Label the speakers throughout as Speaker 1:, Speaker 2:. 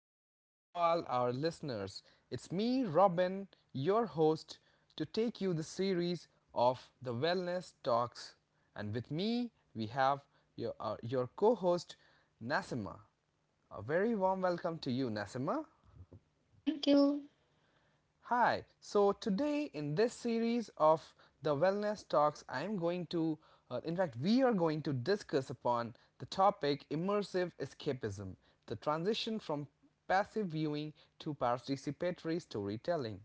Speaker 1: welcome to all our listeners. It's me, Robin, your host, to take you the series of the Wellness Talks. And with me, we have your co host, Nasima. A very warm welcome to you, Nasima.
Speaker 2: Thank you.
Speaker 1: Hi, so today in this series of the wellness talks, I am going to, in fact, we are going to discuss upon the topic immersive escapism, the transition from passive viewing to participatory storytelling.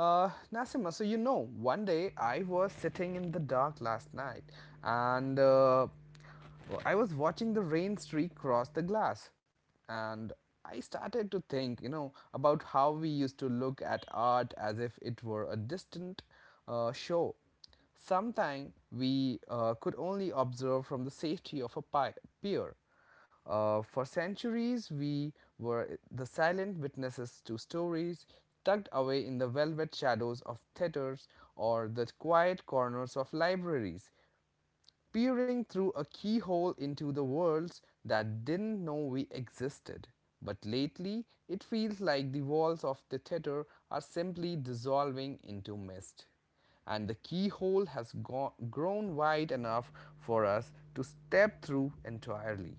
Speaker 1: Nasima, so one day I was sitting in the dark last night and I was watching the rain streak cross the glass. And I started to think, about how we used to look at art as if it were a distant show. Sometime we could only observe from the safety of a pier. For centuries, we were the silent witnesses to stories tucked away in the velvet shadows of theatres or the quiet corners of libraries, peering through a keyhole into the worlds that didn't know we existed. But lately, it feels like the walls of the theatre are simply dissolving into mist, and the keyhole has grown wide enough for us to step through entirely.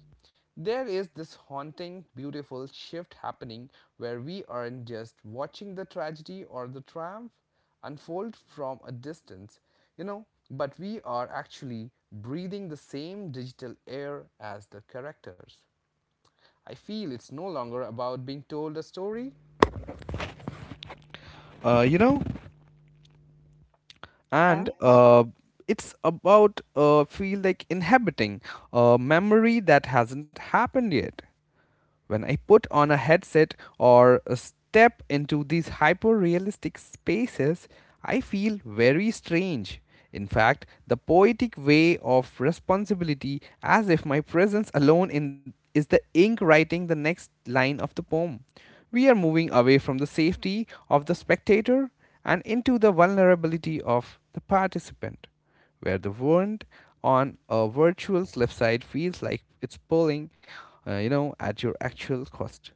Speaker 1: There is this haunting, beautiful shift happening where we aren't just watching the tragedy or the triumph unfold from a distance, but we are actually breathing the same digital air as the characters. I feel it's no longer about being told a story, uh, you know,
Speaker 2: Yeah.
Speaker 1: and it's about feel like inhabiting a memory that hasn't happened yet. When I put on a headset or step into these hyper realistic spaces, I feel very strange. In fact, the poetic way of responsibility, as if my presence alone in, is the ink writing the next line of the poem. We are moving away from the safety of the spectator and into the vulnerability of the participant, where the wind on a virtual cliffside feels like it's pulling, at your actual cost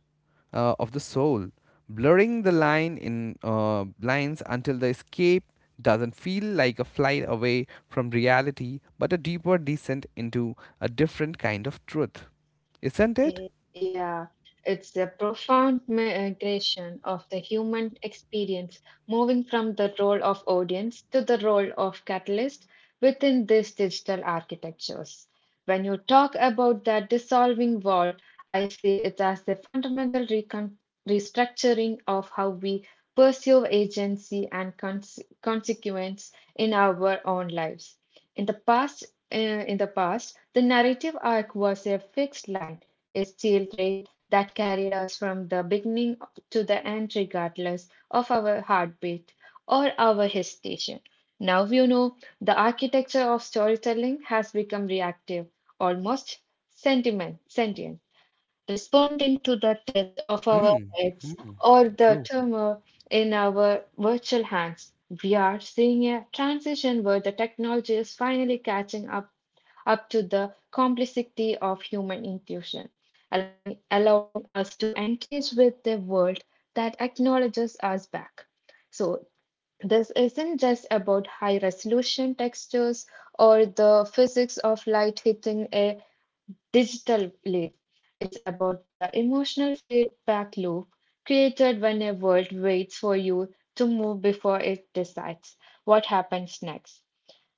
Speaker 1: of the soul, blurring the lines until the escape doesn't feel like a flight away from reality, but a deeper descent into a different kind of truth, isn't it?
Speaker 2: Eh, Yeah, it's a profound migration of the human experience, moving from the role of audience to the role of catalyst within these digital architectures. When you talk about that dissolving wall, I see it as a fundamental recon restructuring of how we pursue agency and consequence in our own lives. In the past, uh, in the past, the narrative arc was a fixed line, a steel thread that carried us from the beginning to the end, regardless of our heartbeat or our hesitation. Now, you know, the architecture of storytelling has become reactive, almost sentient, responding to the tilt of our
Speaker 1: Hmm,
Speaker 2: heads or the
Speaker 1: true.
Speaker 2: tremor in our virtual hands. We are seeing a transition where the technology is finally catching up to the complexity of human intuition, allowing us to engage with the world that acknowledges us back. So, this isn't just about high resolution textures or the physics of light hitting a digital leaf. It's about the emotional feedback loop created when a world waits for you to move before it decides what happens next.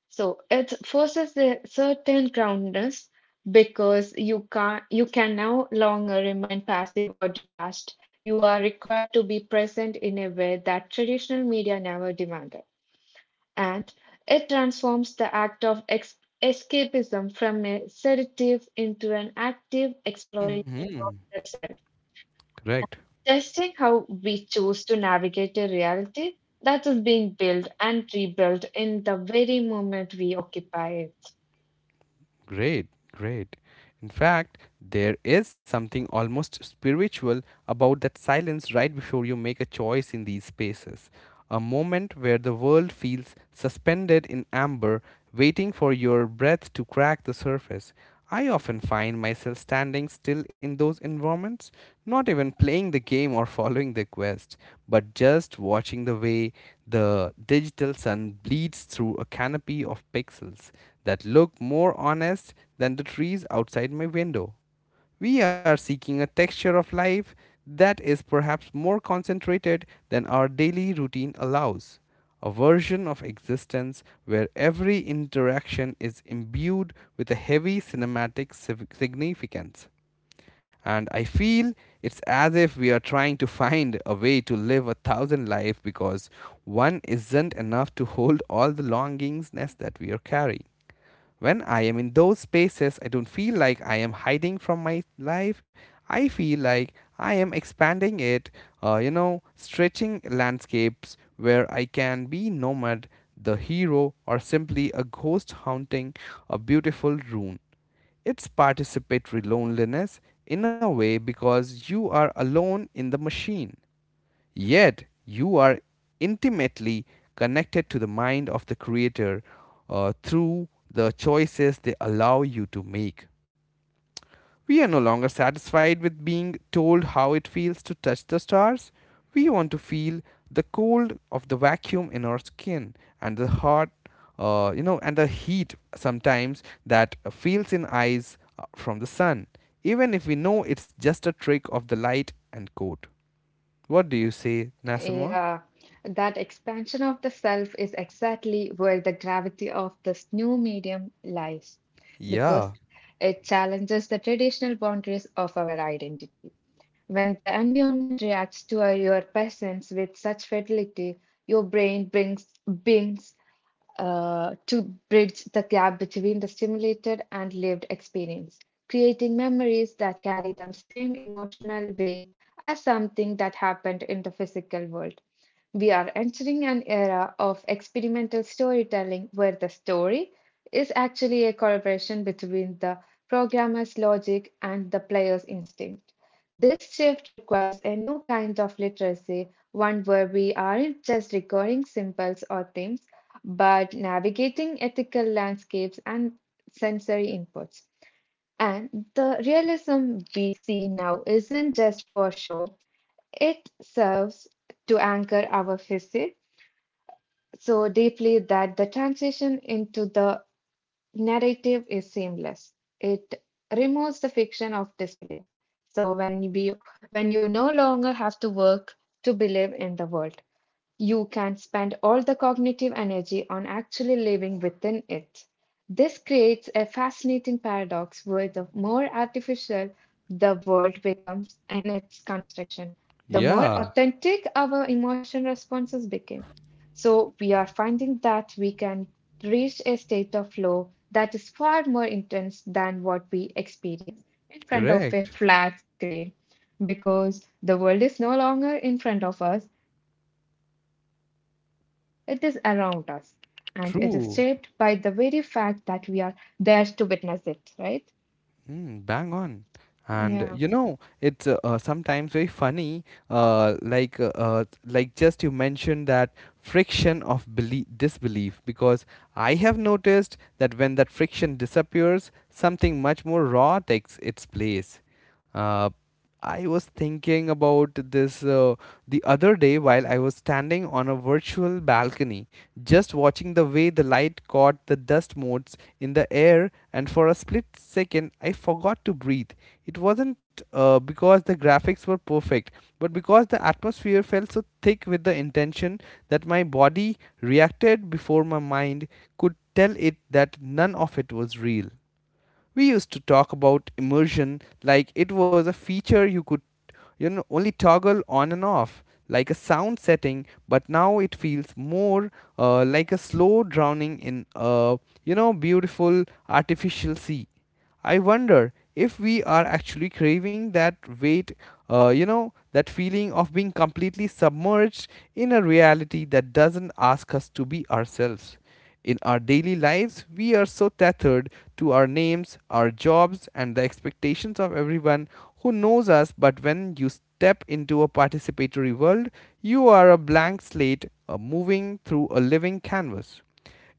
Speaker 2: So it forces a certain groundedness because you can no longer remain passive or detached. You are required to be present in a way that traditional media never demanded. And it transforms the act of escapism from a sedative into an active exploration
Speaker 1: Mm-hmm.
Speaker 2: of the self,
Speaker 1: Correct.
Speaker 2: testing how we choose to navigate a reality that is being built and rebuilt in the very moment we occupy it.
Speaker 1: Great, great. In fact, there is something almost spiritual about that silence right before you make a choice in these spaces. A moment where the world feels suspended in amber, waiting for your breath to crack the surface. I often find myself standing still in those environments, not even playing the game or following the quest, but just watching the way the digital sun bleeds through a canopy of pixels that look more honest than the trees outside my window. We are seeking a texture of life that is perhaps more concentrated than our daily routine allows. A version of existence where every interaction is imbued with a heavy cinematic significance. And I feel it's as if we are trying to find a way to live a thousand lives because one isn't enough to hold all the longings that we are carrying. When I am in those spaces, I don't feel like I am hiding from my life. I feel like I am expanding it, stretching landscapes where I can be nomad, the hero, or simply a ghost haunting a beautiful ruin. It's participatory loneliness in a way, because you are alone in the machine. Yet you are intimately connected to the mind of the Creator through the choices they allow you to make. We are no longer satisfied with being told how it feels to touch the stars. We want to feel the cold of the vacuum in our skin, and the hot, and the heat sometimes that feels in eyes from the sun, even if we know it's just a trick of the light and cold. What do you say, Nassima?
Speaker 2: Yeah, that expansion of the self is exactly where the gravity of this new medium lies, because
Speaker 1: Yeah,
Speaker 2: it challenges the traditional boundaries of our identity. When the environment reacts to your presence with such fidelity, your brain brings brings to bridge the gap between the stimulated and lived experience, creating memories that carry the same emotional weight as something that happened in the physical world. We are entering an era of experimental storytelling where the story is actually a collaboration between the programmer's logic and the player's instinct. This shift requires a new kind of literacy, one where we aren't just recurring symbols or themes, but navigating ethical landscapes and sensory inputs. And the realism we see now isn't just for show, it serves to anchor our physics so deeply that the transition into the narrative is seamless. It removes the fiction of disbelief. So when we when you no longer have to work to believe in the world, you can spend all the cognitive energy on actually living within it. This creates a fascinating paradox where the more artificial the world becomes and its construction, the more
Speaker 1: yeah,
Speaker 2: authentic our emotion responses become. So, we are finding that we can reach a state of flow that is far more intense than what we experience in front of
Speaker 1: correct,
Speaker 2: a flat screen, because the world is no longer in front of us, it is around us. And it is shaped by the very fact that we are
Speaker 1: true,
Speaker 2: there to witness it, right?
Speaker 1: mm, bang on.
Speaker 2: Yeah.
Speaker 1: And it's sometimes very funny. Like, just you mentioned that friction of belie disbelief, because I have noticed that when that friction disappears, something much more raw takes its place. Uh, I was thinking about this the other day while I was standing on a virtual balcony, just watching the way the light caught the dust motes in the air, and for a split second, I forgot to breathe. It wasn't because the graphics were perfect, but because the atmosphere felt so thick with the intention that my body reacted before my mind could tell it that none of it was real. We used to talk about immersion like it was a feature you could only toggle on and off, like a sound setting, but now it feels more like a slow drowning in a beautiful artificial sea. I wonder if we are actually craving that weight, that feeling of being completely submerged in a reality that doesn't ask us to be ourselves. In our daily lives, we are so tethered to our names, our jobs, and the expectations of everyone who knows us. But when you step into a participatory world, you are a blank slate, moving through a living canvas.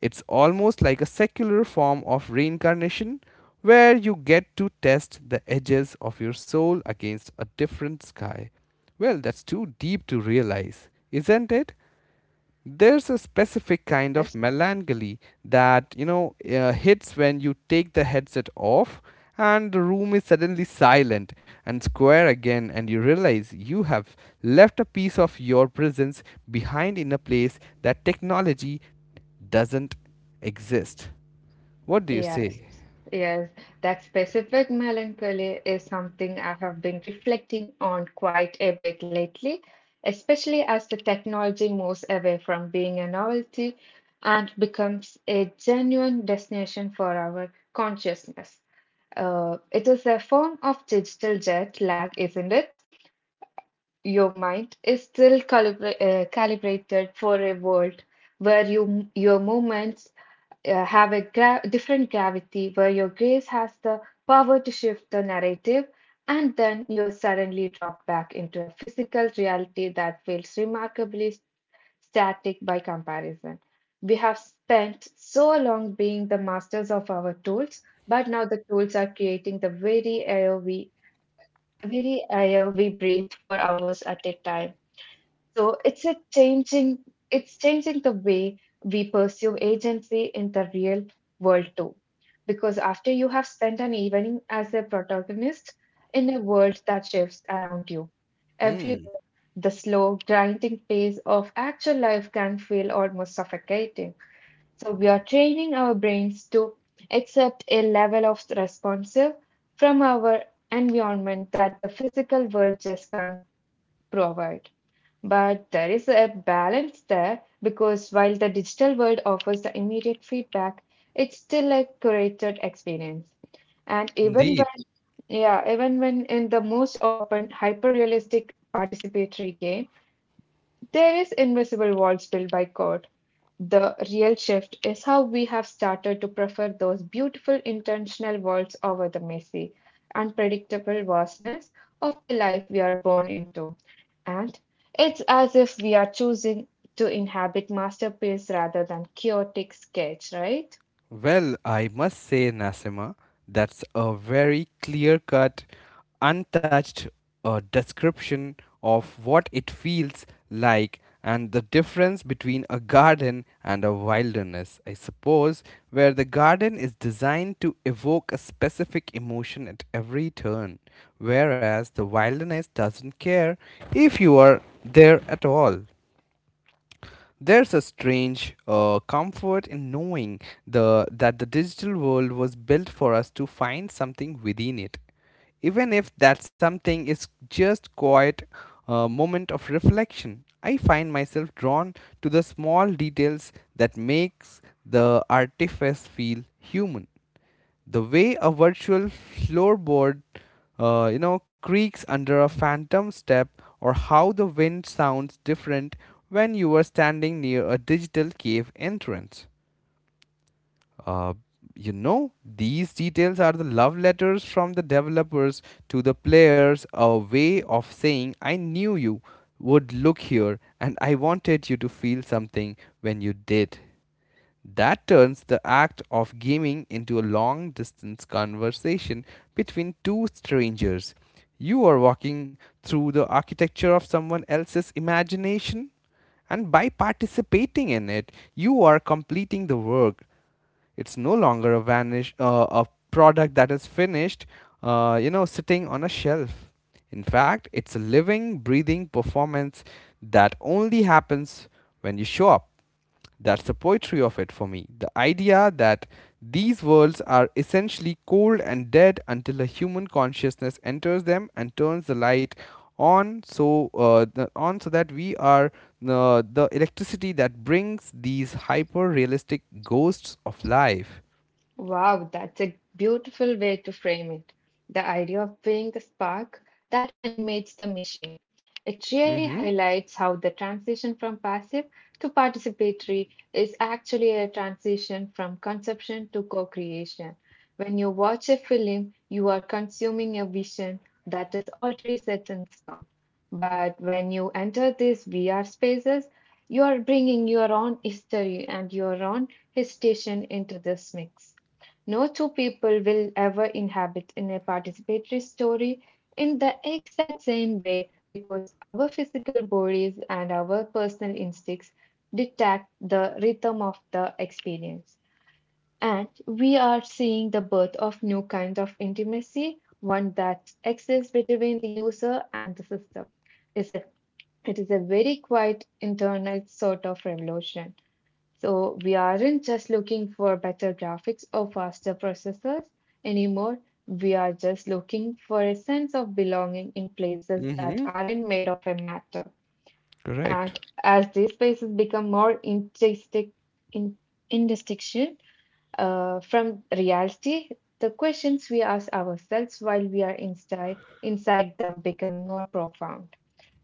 Speaker 1: It's almost like a secular form of reincarnation, where you get to test the edges of your soul against a different sky. Well, that's too deep to realize, isn't it? There's a specific kind of melancholy that hits when you take the headset off, and the room is suddenly silent and square again, and you realize you have left a piece of your presence behind in a place that technology doesn't exist. What do you
Speaker 2: Yes,
Speaker 1: say?
Speaker 2: yes. That specific melancholy is something I have been reflecting on quite a bit lately, especially as the technology moves away from being a novelty and becomes a genuine destination for our consciousness. It is a form of digital jet lag, isn't it? Your mind is still calibrated for a world where your movements have a gra different gravity, where your gaze has the power to shift the narrative, and then you're suddenly dropped back into a physical reality that feels remarkably static by comparison. We have spent so long being the masters of our tools, but now the tools are creating the very air we breathe for hours at a time. So it's changing the way we pursue agency in the real world too. Because after you have spent an evening as a protagonist in a world that shifts around you, everywhere
Speaker 1: Hmm,
Speaker 2: the slow, grinding pace of actual life can feel almost suffocating. So we are training our brains to accept a level of responsive from our environment that the physical world just can't provide. But there is a balance there, because while the digital world offers the immediate feedback, it's still a curated experience. And
Speaker 1: indeed.
Speaker 2: yeah, even when in the most open, hyper-realistic participatory game, there is invisible walls built by code, the real shift is how we have started to prefer those beautiful intentional worlds over the messy, unpredictable vastness of the life we are born into. And it's as if we are choosing to inhabit masterpiece rather than chaotic sketch, right?
Speaker 1: Well, I must say, Nasima, that's a very clear cut, untouched description of what it feels like, and the difference between a garden and a wilderness, I suppose, where the garden is designed to evoke a specific emotion at every turn, whereas the wilderness doesn't care if you are there at all. There's a strange comfort in knowing the that the digital world was built for us to find something within it, even if that something is just quiet moment of reflection. I find myself drawn to the small details that makes the artifice feel human, the way a virtual floorboard creaks under a phantom step, or how the wind sounds different when you are standing near a digital cave entrance. uh, these details are the love letters from the developers to the players, a way of saying I knew you would look here, and I wanted you to feel something when you did. That turns the act of gaming into a long distance conversation between two strangers. You are walking through the architecture of someone else's imagination, and by participating in it, you are completing the work. It's no longer a product that is finished, sitting on a shelf. In fact, it's a living, breathing performance that only happens when you show up. That's the poetry of it for me. The idea that these worlds are essentially cold and dead until a human consciousness enters them and turns the light on so that we are the electricity that brings these hyper realistic ghosts of life.
Speaker 2: Wow, that's a beautiful way to frame it. The idea of being the spark that animates the machine. It really
Speaker 1: Mm-hmm.
Speaker 2: highlights how the transition from passive to participatory is actually a transition from conception to co creation. When you watch a film, you are consuming a vision that is already set in stone. But when you enter these VR spaces, you are bringing your own history and your own hesitation into this mix. No two people will ever inhabit in a participatory story in the exact same way, because our physical bodies and our personal instincts detect the rhythm of the experience. And we are seeing the birth of new kinds of intimacy, one that exists between the user and the system. It's a, it is a very quiet internal sort of revolution. So we aren't just looking for better graphics or faster processors anymore. We are just looking for a sense of belonging in places
Speaker 1: Mm-hmm.
Speaker 2: that aren't made of a matter.
Speaker 1: Correct.
Speaker 2: And as these spaces become more intrinsic, in, indistinction from reality, the questions we ask ourselves while we are inside them become more profound.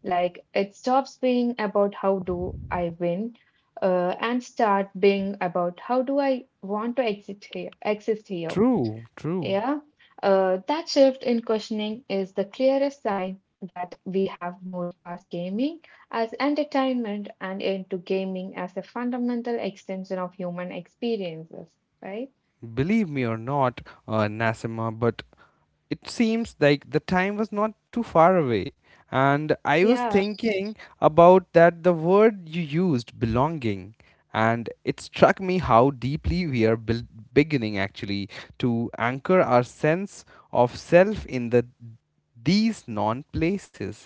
Speaker 2: Like it stops being about how do I win and start being about how do I want to exist here.
Speaker 1: True, true.
Speaker 2: Yeah. That shift in questioning is the clearest sign that we have moved past gaming as entertainment and into gaming as a fundamental extension of human experiences, right?
Speaker 1: Believe me or not, Nasima, but it seems like the time was not too far away, and I was
Speaker 2: Yeah.
Speaker 1: thinking about that the word you used, belonging, and it struck me how deeply we are beginning actually to anchor our sense of self in these non places.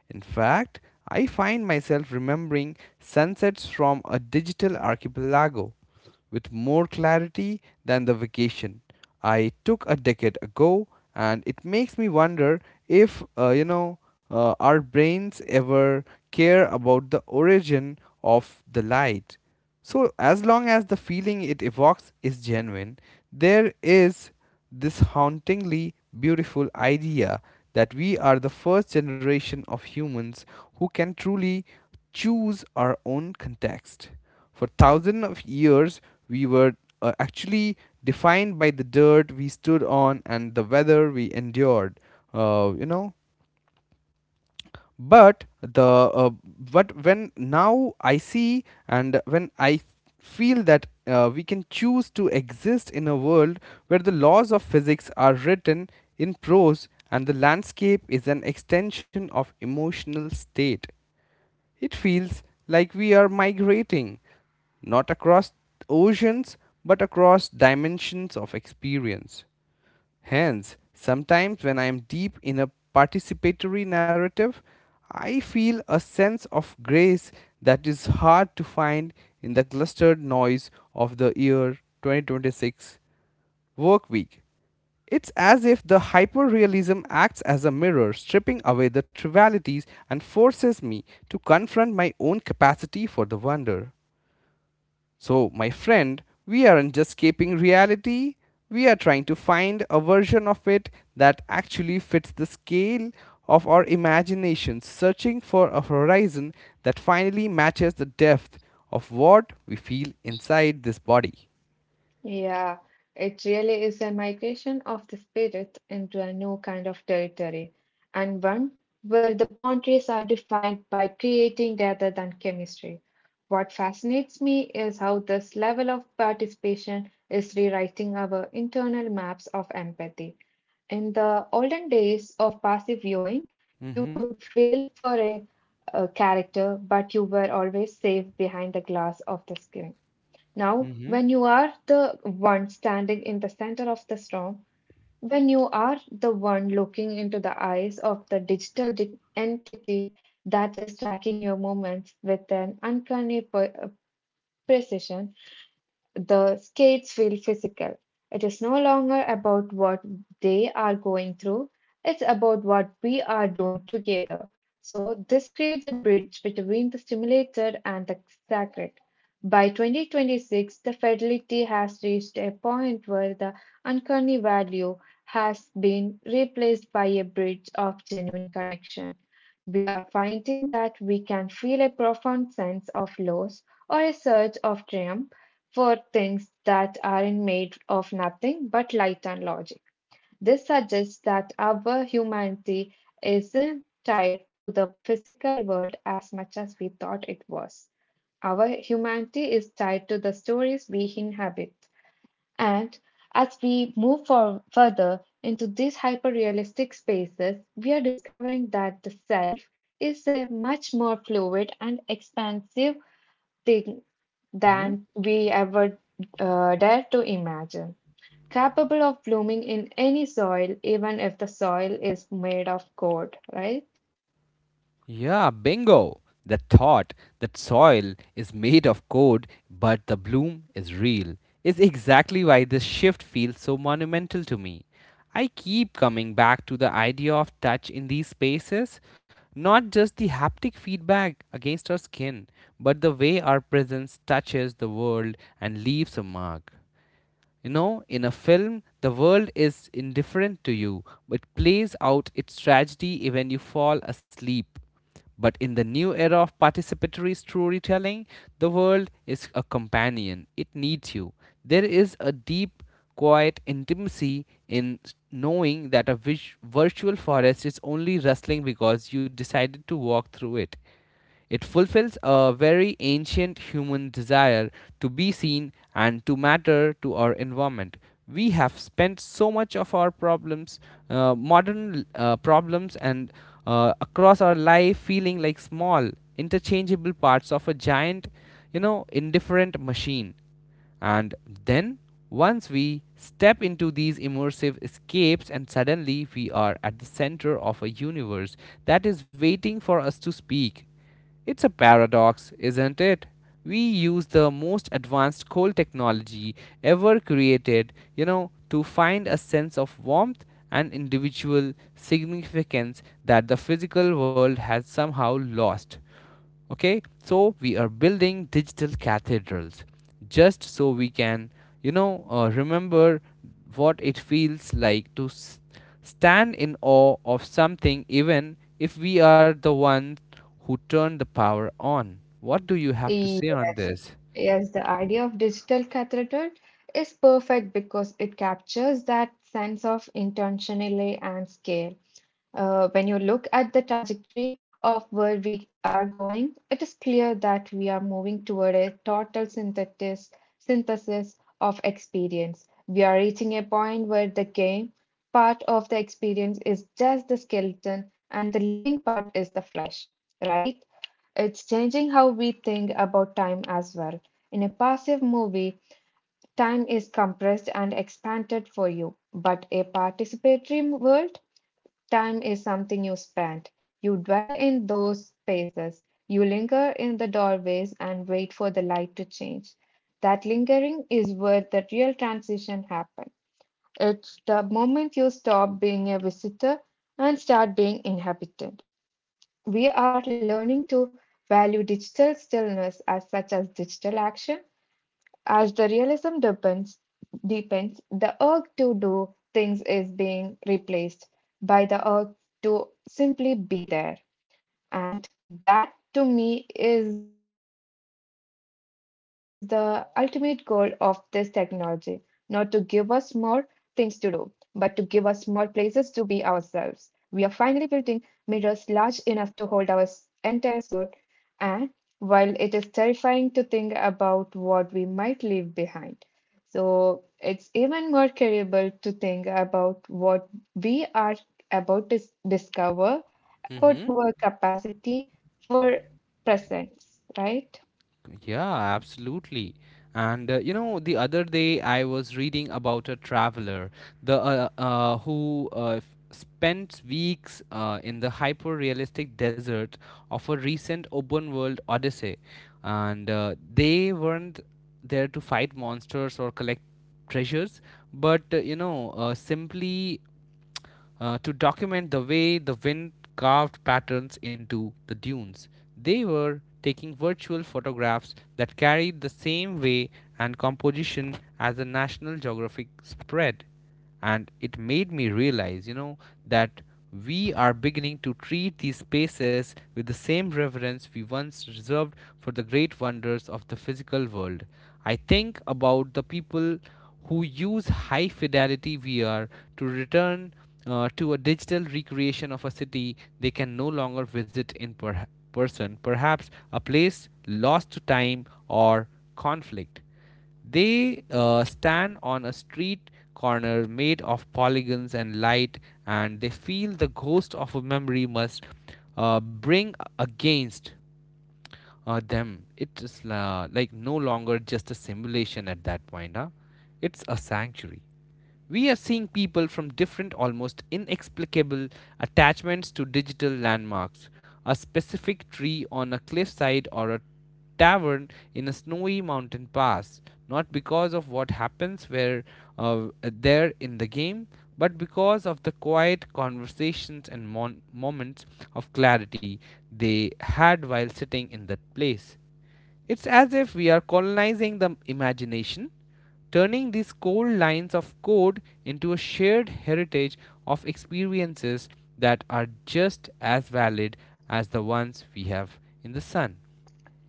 Speaker 1: In fact, I find myself remembering sunsets from a digital archipelago with more clarity than the vacation I took a decade ago, and it makes me wonder if our brains ever care about the origin of the light. So, as long as the feeling it evokes is genuine, there is this hauntingly beautiful idea that we are the first generation of humans who can truly choose our own context. For thousands of years, we were actually defined by the dirt we stood on and the weather we endured. Uh, you know, but the uh, but when now I see and when I feel that we can choose to exist in a world where the laws of physics are written in prose and the landscape is an extension of emotional state. It feels like we are migrating not across oceans, but across dimensions of experience. Hence, sometimes when I am deep in a participatory narrative, I feel a sense of grace that is hard to find in the clustered noise of the year 2026 work week. It's as if the hyperrealism acts as a mirror, stripping away the trivialities and forces me to confront my own capacity for the wonder. So, my friend, we aren't just escaping reality, we are trying to find a version of it that actually fits the scale of our imagination, searching for a horizon that finally matches the depth of what we feel inside this body.
Speaker 2: Yeah, it really is a migration of the spirit into a new kind of territory, and one where the boundaries are defined by creating rather than chemistry. What fascinates me is how this level of participation is rewriting our internal maps of empathy. In the olden days of passive viewing, you
Speaker 1: Mm-hmm.
Speaker 2: could feel for a character, but you were always safe behind the glass of the screen. Now,
Speaker 1: Mm-hmm.
Speaker 2: when you are the one standing in the center of the storm, when you are the one looking into the eyes of the digital entity that is tracking your movements with an uncanny precision, the skates feel physical. It is no longer about what they are going through, it's about what we are doing together. So, this creates a bridge between the stimulated and the sacred. By 2026, the fidelity has reached a point where the uncanny value has been replaced by a bridge of genuine connection. We are finding that we can feel a profound sense of loss or a surge of triumph for things that aren't made of nothing but light and logic. This suggests that our humanity isn't tied to the physical world as much as we thought it was. Our humanity is tied to the stories we inhabit. And as we move for further into these hyper-realistic spaces, we are discovering that the self is a much more fluid and expansive thing
Speaker 1: Mm-hmm.
Speaker 2: than we ever dare to imagine, capable of blooming in any soil, even if the soil is made of gold, right?
Speaker 1: Yeah, bingo. The thought that soil is made of code, but the bloom is real, is exactly why this shift feels so monumental to me. I keep coming back to the idea of touch in these spaces, not just the haptic feedback against our skin, but the way our presence touches the world and leaves a mark. You know, in a film, the world is indifferent to you. It plays out its tragedy when you fall asleep. But in the new era of participatory storytelling, the world is a companion. It needs you. There is a deep, quiet intimacy in knowing that a virtual forest is only rustling because you decided to walk through it. It fulfills a very ancient human desire to be seen and to matter to our environment. We have spent so much of our problems, modern problems, and across our life feeling like small, interchangeable parts of a giant, you know, indifferent machine. And then once we step into these immersive escapes, and suddenly we are at the center of a universe that is waiting for us to speak. It's a paradox, isn't it? We use the most advanced coal technology ever created, you know, to find a sense of warmth and individual significance that the physical world has somehow lost. Okay, so we are building digital cathedrals just so we can, you know, remember what it feels like to stand in awe of something, even if we are the ones who turn the power on. What do you have to say on
Speaker 2: Yes,
Speaker 1: this?
Speaker 2: yes, the idea of digital cathedral is perfect because it captures that sense of intentionality and scale. When you look at the trajectory of where we are going, it is clear that we are moving toward a synthesis of experience. We are reaching a point where the game part of the experience is just the skeleton and the living part is the flesh, right? It's changing how we think about time as well. In a passive movie, time is compressed and expanded for you, but a participatory world, time is something you spend. You dwell in those spaces. You linger in the doorways and wait for the light to change. That lingering is where the real transition happens. It's the moment you stop being a visitor and start being inhabitant. We are learning to value digital stillness as such as digital action. As the realism deepens, the urge to do things is being replaced by the urge to simply be there. And that to me is the ultimate goal of this technology, not to give us more things to do, but to give us more places to be ourselves. We are finally building mirrors large enough to hold our entire soul, and while it is terrifying to think about what we might leave behind, so it's even more terrible to think about what we are about to discover about
Speaker 1: Mm-hmm.
Speaker 2: our capacity for presence, right?
Speaker 1: Yeah, absolutely. And you know, the other day I was reading about a traveler, the who spent weeks in the hyper-realistic desert of a recent open-world odyssey, and they weren't there to fight monsters or collect treasures, but you know, simply to document the way the wind carved patterns into the dunes. They were taking virtual photographs that carried the same way and composition as the National Geographic spread. And it made me realize, you know, that we are beginning to treat these spaces with the same reverence we once reserved for the great wonders of the physical world. I think about the people who use high fidelity VR to return to a digital recreation of a city they can no longer visit in person, perhaps a place lost to time or conflict. They stand on a street corner made of polygons and light, and they feel the ghost of a memory must bring against them. It is like no longer just a simulation at that point. Huh? It's a sanctuary. We are seeing people from different, almost inexplicable attachments to digital landmarks. A specific tree on a cliffside or a tavern in a snowy mountain pass, not because of what happens where there in the game, but because of the quiet conversations and moments of clarity they had while sitting in that place. It's as if we are colonizing the imagination, turning these cold lines of code into a shared heritage of experiences that are just as valid as the ones we have in the sun.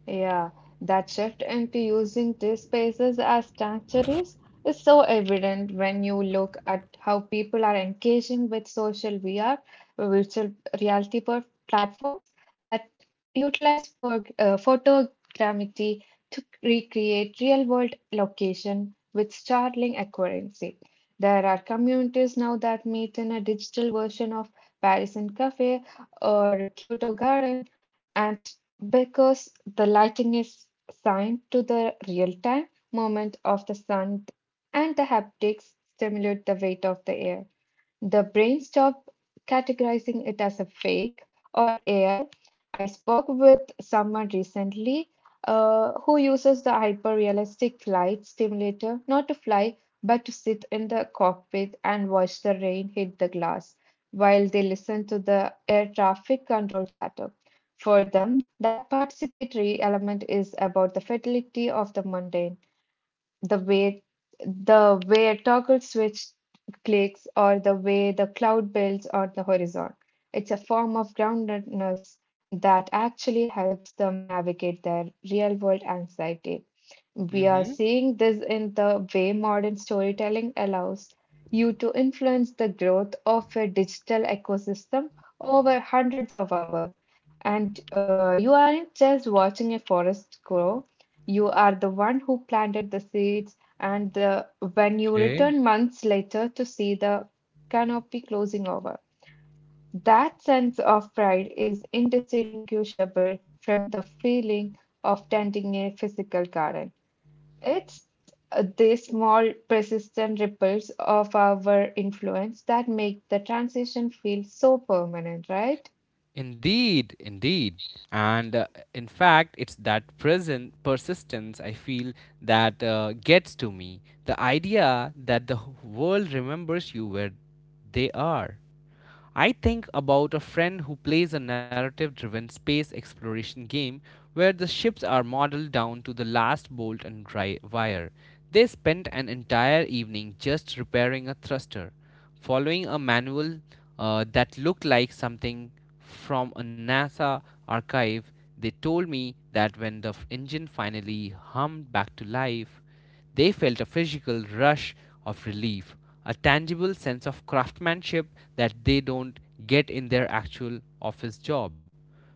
Speaker 2: Yeah, that shift into using these spaces as sanctuaries is so evident when you look at how people are engaging with social VR, virtual reality platforms that utilize for, photogrammetry to recreate real-world location with startling accuracy. There are communities now that meet in a digital version of Parisian cafe or Kyoto garden, and because the lighting is assigned to the real time movement of the sun and the haptics stimulate the weight of the air. The brain stopped categorizing it as a fake or AI. I spoke with someone recently who uses the hyper-realistic flight simulator not to fly but to sit in the cockpit and watch the rain hit the glass while they listen to the air traffic control chatter. For them, that participatory element is about the fidelity of the mundane, the way the way a toggle switch clicks or the way the cloud builds or the horizon. It's a form of groundedness that actually helps them navigate their real world anxiety. We are
Speaker 1: Mm-hmm.
Speaker 2: seeing this in the way modern storytelling allows you to influence the growth of a digital ecosystem over hundreds of hours. And you aren't just watching a forest grow, you are the one who planted the seeds. And when you
Speaker 1: Okay.
Speaker 2: return months later to see the canopy closing over, that sense of pride is indistinguishable from the feeling of tending a physical garden. It's the small, persistent ripples of our influence that make the transition feel so permanent, right?
Speaker 1: Indeed, indeed. And in fact, it's that present persistence I feel that gets to me. The idea that the world remembers you where they are. I think about a friend who plays a narrative driven space exploration game where the ships are modeled down to the last bolt and dry wire. They spent an entire evening just repairing a thruster, following a manual that looked like something from a NASA archive. They told me that when the engine finally hummed back to life, they felt a physical rush of relief, a tangible sense of craftsmanship that they don't get in their actual office job.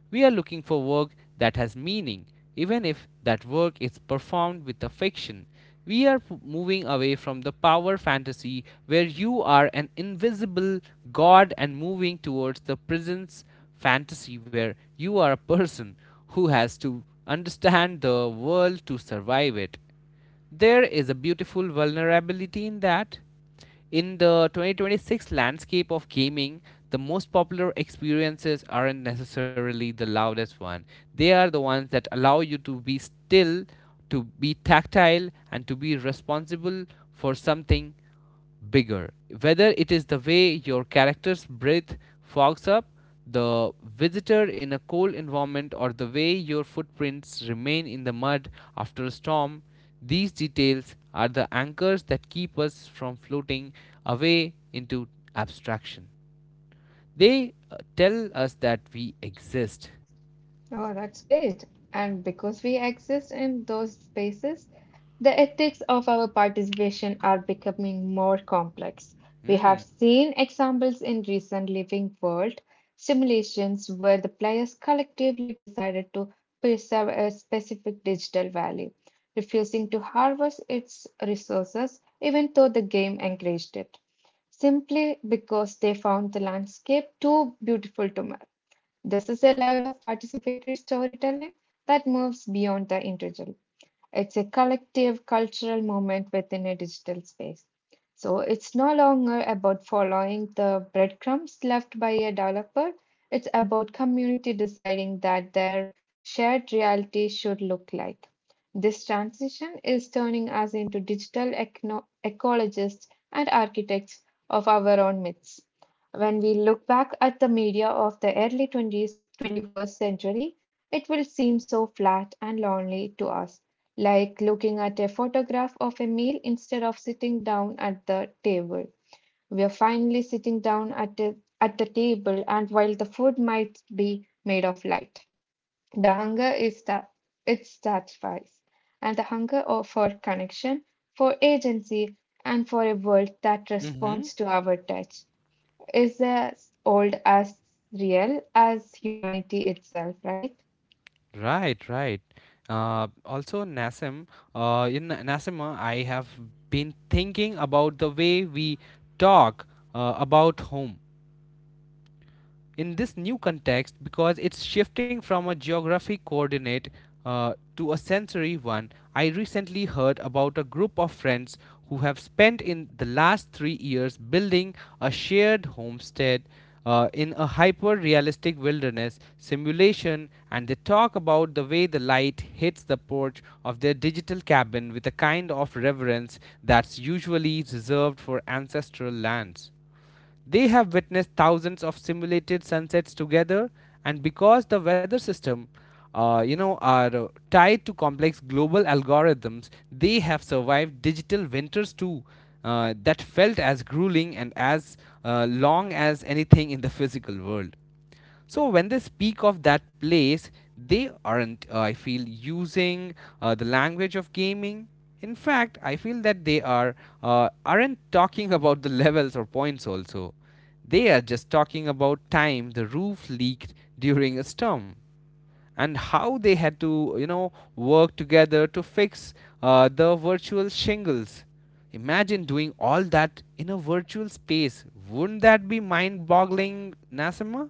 Speaker 1: We are looking for work that has meaning, even if that work is performed with a fiction. We are moving away from the power fantasy where you are an invisible god and moving towards the presence fantasy where you are a person who has to understand the world to survive it. There is a beautiful vulnerability in that. In the 2026 landscape of gaming, the most popular experiences aren't necessarily the loudest one. They are the ones that allow you to be still, to be tactile, and to be responsible for something bigger. Whether it is the way your character's breath fogs up the visitor in a cold environment or the way your footprints remain in the mud after a storm, these details are the anchors that keep us from floating away into abstraction. They tell us that we exist.
Speaker 2: Oh, that's great. And because we exist in those spaces, the ethics of our participation are becoming more complex. We have
Speaker 1: Mm.
Speaker 2: seen examples in recent living world simulations where the players collectively decided to preserve a specific digital value, refusing to harvest its resources even though the game encouraged it, simply because they found the landscape too beautiful to. This is a level of participatory storytelling that moves beyond the individual. It's a collective cultural movement within a digital space. So it's no longer about following the breadcrumbs left by a developer. It's about community deciding that their shared reality should look like. This transition is turning us into digital ecologists and architects of our own myths. When we look back at the media of the early 20s, 21st century, it will seem so flat and lonely to us, like looking at a photograph of a meal instead of sitting down at the table. We are finally sitting down at at the table, and while the food might be made of light, the hunger is that it satisfies, and the hunger for connection, for agency, and for a world that
Speaker 1: Hmm.
Speaker 2: responds to our touch is as old as real as humanity itself, right?
Speaker 1: Right, right. Also, Nassim, I have been thinking about the way we talk about home in this new context because it's shifting from a geographic coordinate to a sensory one. I recently heard about a group of friends who have spent in the last 3 years building a shared homestead in a hyper realistic wilderness simulation, and they talk about the way the light hits the porch of their digital cabin with a kind of reverence that's usually reserved for ancestral lands. They have witnessed thousands of simulated sunsets together, and because the weather system, you know, are tied to complex global algorithms, they have survived digital winters too. That felt as grueling and as long as anything in the physical world. So when they speak of that place, they aren't, I feel, using the language of gaming. In fact, I feel that they are aren't talking about the levels or points also. They are just talking about time the roof leaked during a storm and how they had to, you know, work together to fix the virtual shingles. Imagine doing all that in a virtual space. Wouldn't that be mind-boggling, Nassima?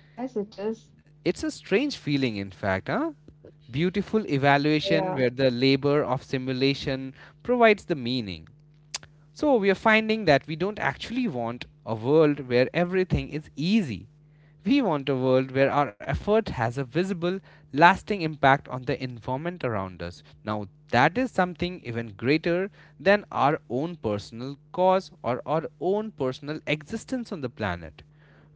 Speaker 2: Yes, it is.
Speaker 1: It's a strange feeling, in fact, huh? Beautiful evaluation
Speaker 2: Yeah.
Speaker 1: where the labor of simulation provides the meaning. So, we are finding that we don't actually want a world where everything is easy. We want a world where our effort has a visible, lasting impact on the environment around us. Now, that is something even greater than our own personal cause or our own personal existence on the planet.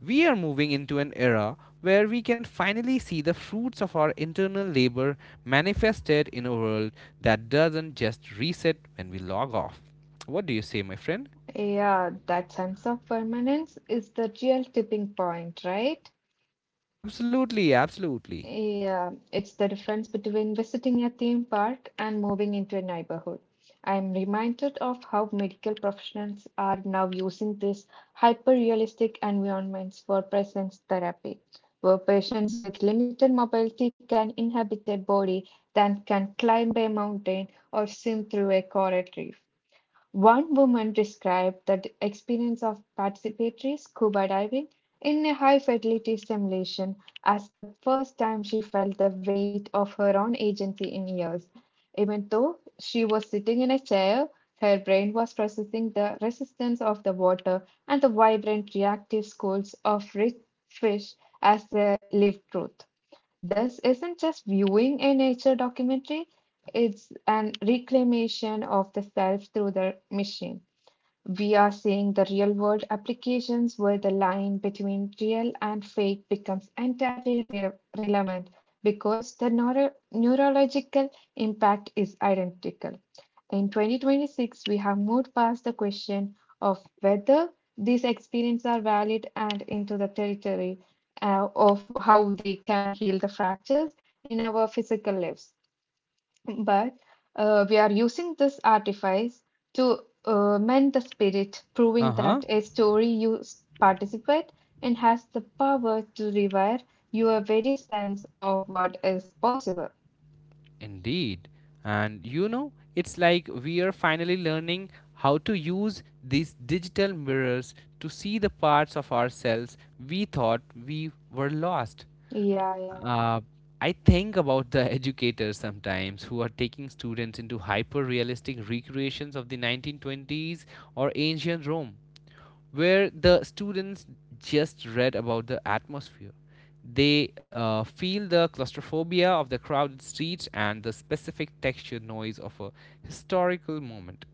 Speaker 1: We are moving into an era where we can finally see the fruits of our internal labor manifested in a world that doesn't just reset when we log off. What do you say, my friend?
Speaker 2: Yeah, that sense of permanence is the real tipping point, right?
Speaker 1: Absolutely, absolutely.
Speaker 2: Yeah, it's the difference between visiting a theme park and moving into a neighborhood. I'm reminded of how medical professionals are now using these hyper-realistic environments for presence therapy, where patients with limited mobility can inhabit a body that can climb a mountain or swim through a coral reef. One woman described the experience of participatory scuba diving in a high fidelity simulation as the first time she felt the weight of her own agency in years. Even though she was sitting in a chair, her brain was processing the resistance of the water and the vibrant reactive schools of rich fish as their lived truth. This isn't just viewing a nature documentary, it's an reclamation of the self through the machine. We are seeing the real world applications where the line between real and fake becomes entirely relevant because the neurological impact is identical. In 2026, we have moved past the question of whether these experiences are valid and into the territory of how they can heal the fractures in our physical lives. But we are using this artifice to mend the spirit, proving
Speaker 1: Uh
Speaker 2: that
Speaker 1: huh.
Speaker 2: a story you participate in has the power to rewire your very sense of what is possible.
Speaker 1: Indeed. And you know, it's like we are finally learning how to use these digital mirrors to see the parts of ourselves we thought we were lost.
Speaker 2: Yeah, yeah,
Speaker 1: Uh, I think about the educators sometimes who are taking students into hyper realistic recreations of the 1920s or ancient Rome, where the students just read about the atmosphere. They feel the claustrophobia of the crowded streets and the specific texture noise of a historical moment.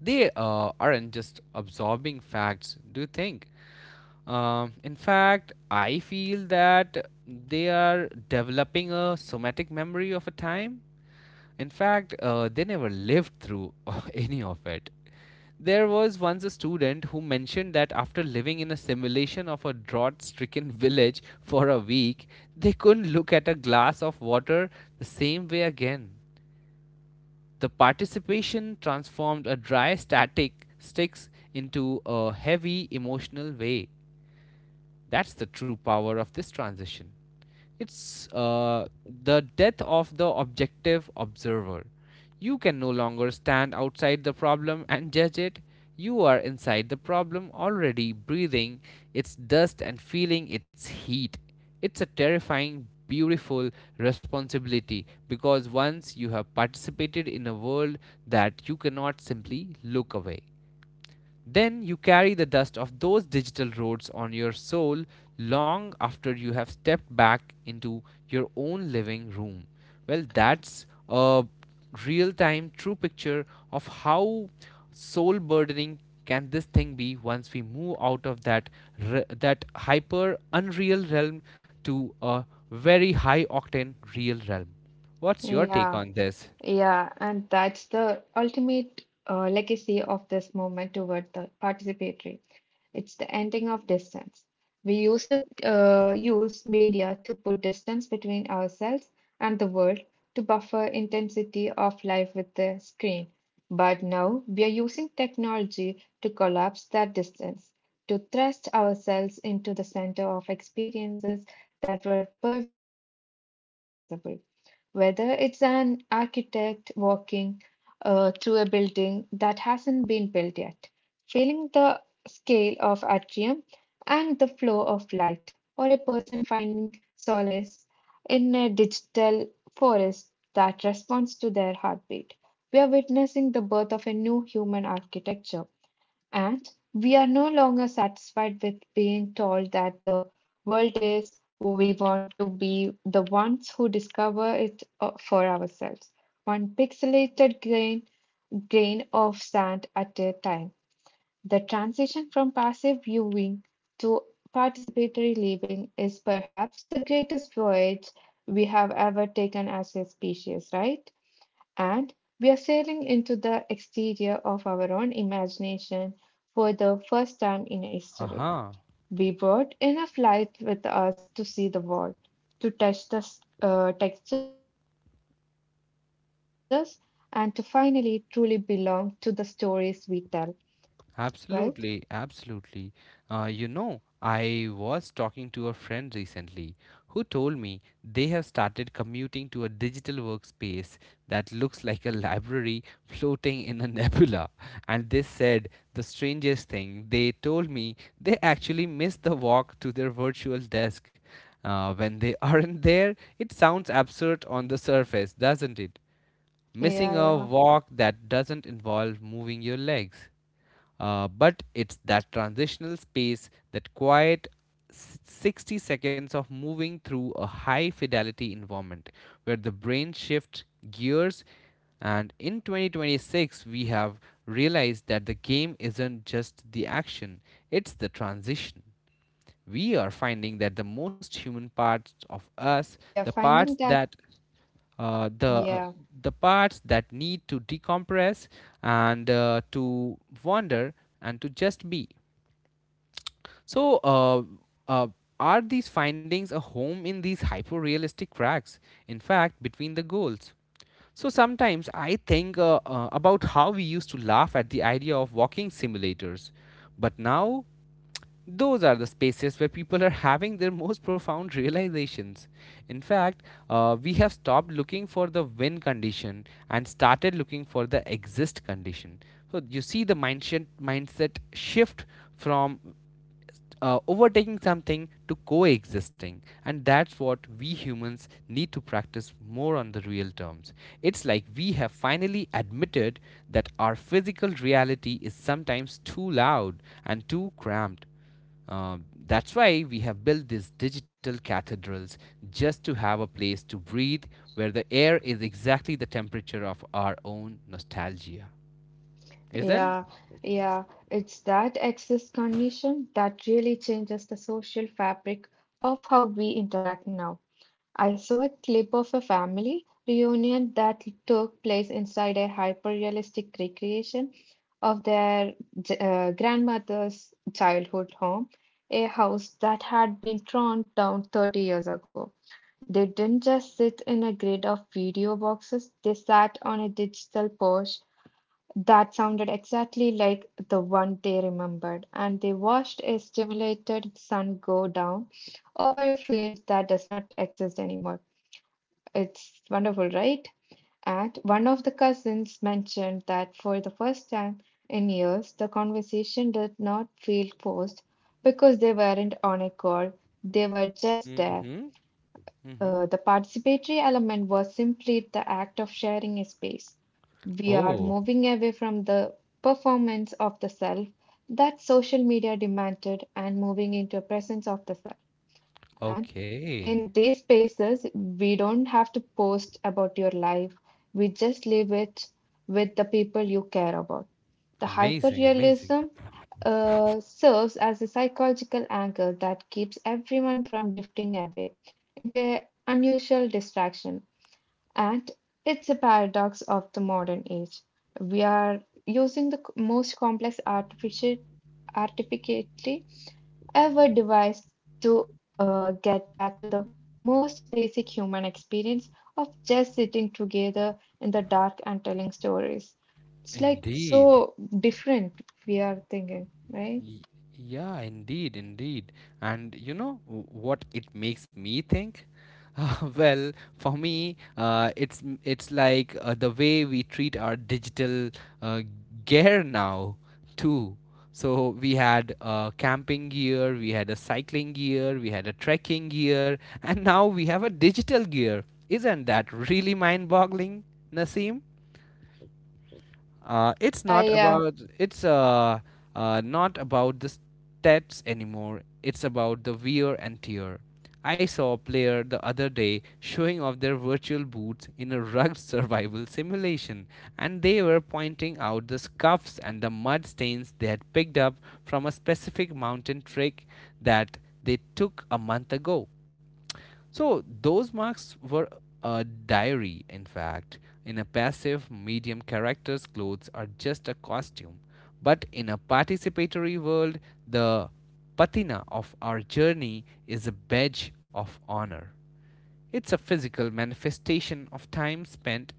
Speaker 1: They aren't just absorbing facts, do you think? In fact, I feel that they are developing a somatic memory of a time. In fact, they never lived through any of it. There was once a student who mentioned that after living in a simulation of a drought stricken village for a week, they couldn't look at a glass of water the same way again. The participation transformed a dry static sticks into a heavy emotional way. That's the true power of this transition. It's the death of the objective observer. You can no longer stand outside the problem and judge it. You are inside the problem already, breathing its dust and feeling its heat. It's a terrifying, beautiful responsibility because once you have participated in a world that you cannot simply look away. Then you carry the dust of those digital roads on your soul long after you have stepped back into your own living room. Well, that's a real time true picture of how soul burdening can this thing be once we move out of that hyper unreal realm to a very high octane real realm. What's your take
Speaker 2: yeah.
Speaker 1: on this?
Speaker 2: Yeah, and that's the ultimate legacy of this movement toward the participatory. It's the ending of distance. We used to use media to put distance between ourselves and the world to buffer intensity of life with the screen. But now we are using technology to collapse that distance, to thrust ourselves into the center of experiences that were per previously inaccessible, whether it's an architect walking through a building that hasn't been built yet, feeling the scale of atrium and the flow of light, or a person finding solace in a digital forest that responds to their heartbeat. We are witnessing the birth of a new human architecture, and we are no longer satisfied with being told that the world is. We want to be the ones who discover it for ourselves, one grain of sand at a time. The transition from passive viewing to participatory living is perhaps the greatest voyage we have ever taken as a species, right? And we are sailing into the exterior of our own imagination for the first time in history.
Speaker 1: Aha.
Speaker 2: We brought enough light with us to see the world, to touch the textures, and to finally truly belong to the stories we tell, right?
Speaker 1: Absolutely, absolutely. You know, I was talking to a friend recently who told me they have started commuting to a digital workspace that looks like a library floating in a nebula. And they said the strangest thing they told me they actually miss the walk to their virtual desk. When they aren't there, it sounds absurd on the surface, doesn't it?
Speaker 2: Yeah,
Speaker 1: Missing a
Speaker 2: yeah.
Speaker 1: walk that doesn't involve moving your legs. But it's that transitional space, that quiet 60 seconds of moving through a high fidelity environment where the brain shifts gears. And in 2026, we have realized that the game isn't just the action, it's the transition. We are finding that the most human parts of
Speaker 2: Uh,
Speaker 1: us,
Speaker 2: we are
Speaker 1: the parts
Speaker 2: finding that,
Speaker 1: that uh, the uh,
Speaker 2: yeah,
Speaker 1: the parts that need to decompress and to wander and to just be. So, uh, uh, are these findings a home in these hyper-realistic cracks? In fact, between the goals. So sometimes I think about how we used to laugh at the idea of walking simulators, but now those are the spaces where people are having their most profound realizations. In fact, we have stopped looking for the win condition and started looking for the exist condition. So you see the mindset shift from overtaking something to coexisting, and that's what we humans need to practice more on the real terms. It's like we have finally admitted that our physical reality is sometimes too loud and too cramped uh, that's why we have built these digital cathedrals just to have a place to breathe where the air is exactly the temperature of our own nostalgia. Isn't?
Speaker 2: yeah, yeah. It's that access condition that really changes the social fabric of how we interact now. I saw a clip of a family reunion that took place inside a hyper-realistic recreation of their grandmother's childhood home, a house that had been torn down 30 years ago. They didn't just sit in a grid of video boxes, they sat on a digital porch that sounded exactly like the one they remembered, and they watched a stimulated sun go down over a field that does not exist anymore. It's wonderful, right? And one of the cousins mentioned that for the first time in years, the conversation did not feel forced because they weren't on a call, they were just there.
Speaker 1: Mm-hmm. Mm-hmm.
Speaker 2: The participatory element was simply the act of sharing a space. We are
Speaker 1: Oh,
Speaker 2: moving away from the performance of the self that social media demanded and moving into a presence of the self and.
Speaker 1: okay.
Speaker 2: In these spaces, we don't have to post about your life. We just leave it with the people you care about. The
Speaker 1: Amazing, amazing.
Speaker 2: hyperrealism serves as a psychological anchor that keeps everyone from drifting away into an unusual distraction. And it's a paradox of the modern age. We are using the most complex artificially ever devised to get back to the most basic human experience of just sitting together in the dark and telling stories. It's like
Speaker 1: Indeed.
Speaker 2: so different, we are thinking, right?
Speaker 1: Y- Yeah, indeed, indeed. And you know what it makes me think? Uh, well, for me, it's it's like the way we treat our digital uh, gear now too. So we had camping gear, we had a cycling gear, we had a trekking gear, and now we have a digital gear. Isn't that really mind-boggling, Nasim? It's
Speaker 2: Yeah,
Speaker 1: not
Speaker 2: yeah.
Speaker 1: about it's uh, uh not about the stats anymore. It's about the wear and tear. I saw a player the other day showing off their virtual boots in a rugged survival simulation, and they were pointing out the scuffs and the mud stains they had picked up from a specific mountain trek that they took a month ago. So those marks were a diary, in fact. In a passive medium, characters' clothes are just a costume. But in a participatory world, the patina of our journey is a badge of honor. It's a physical manifestation of time spent.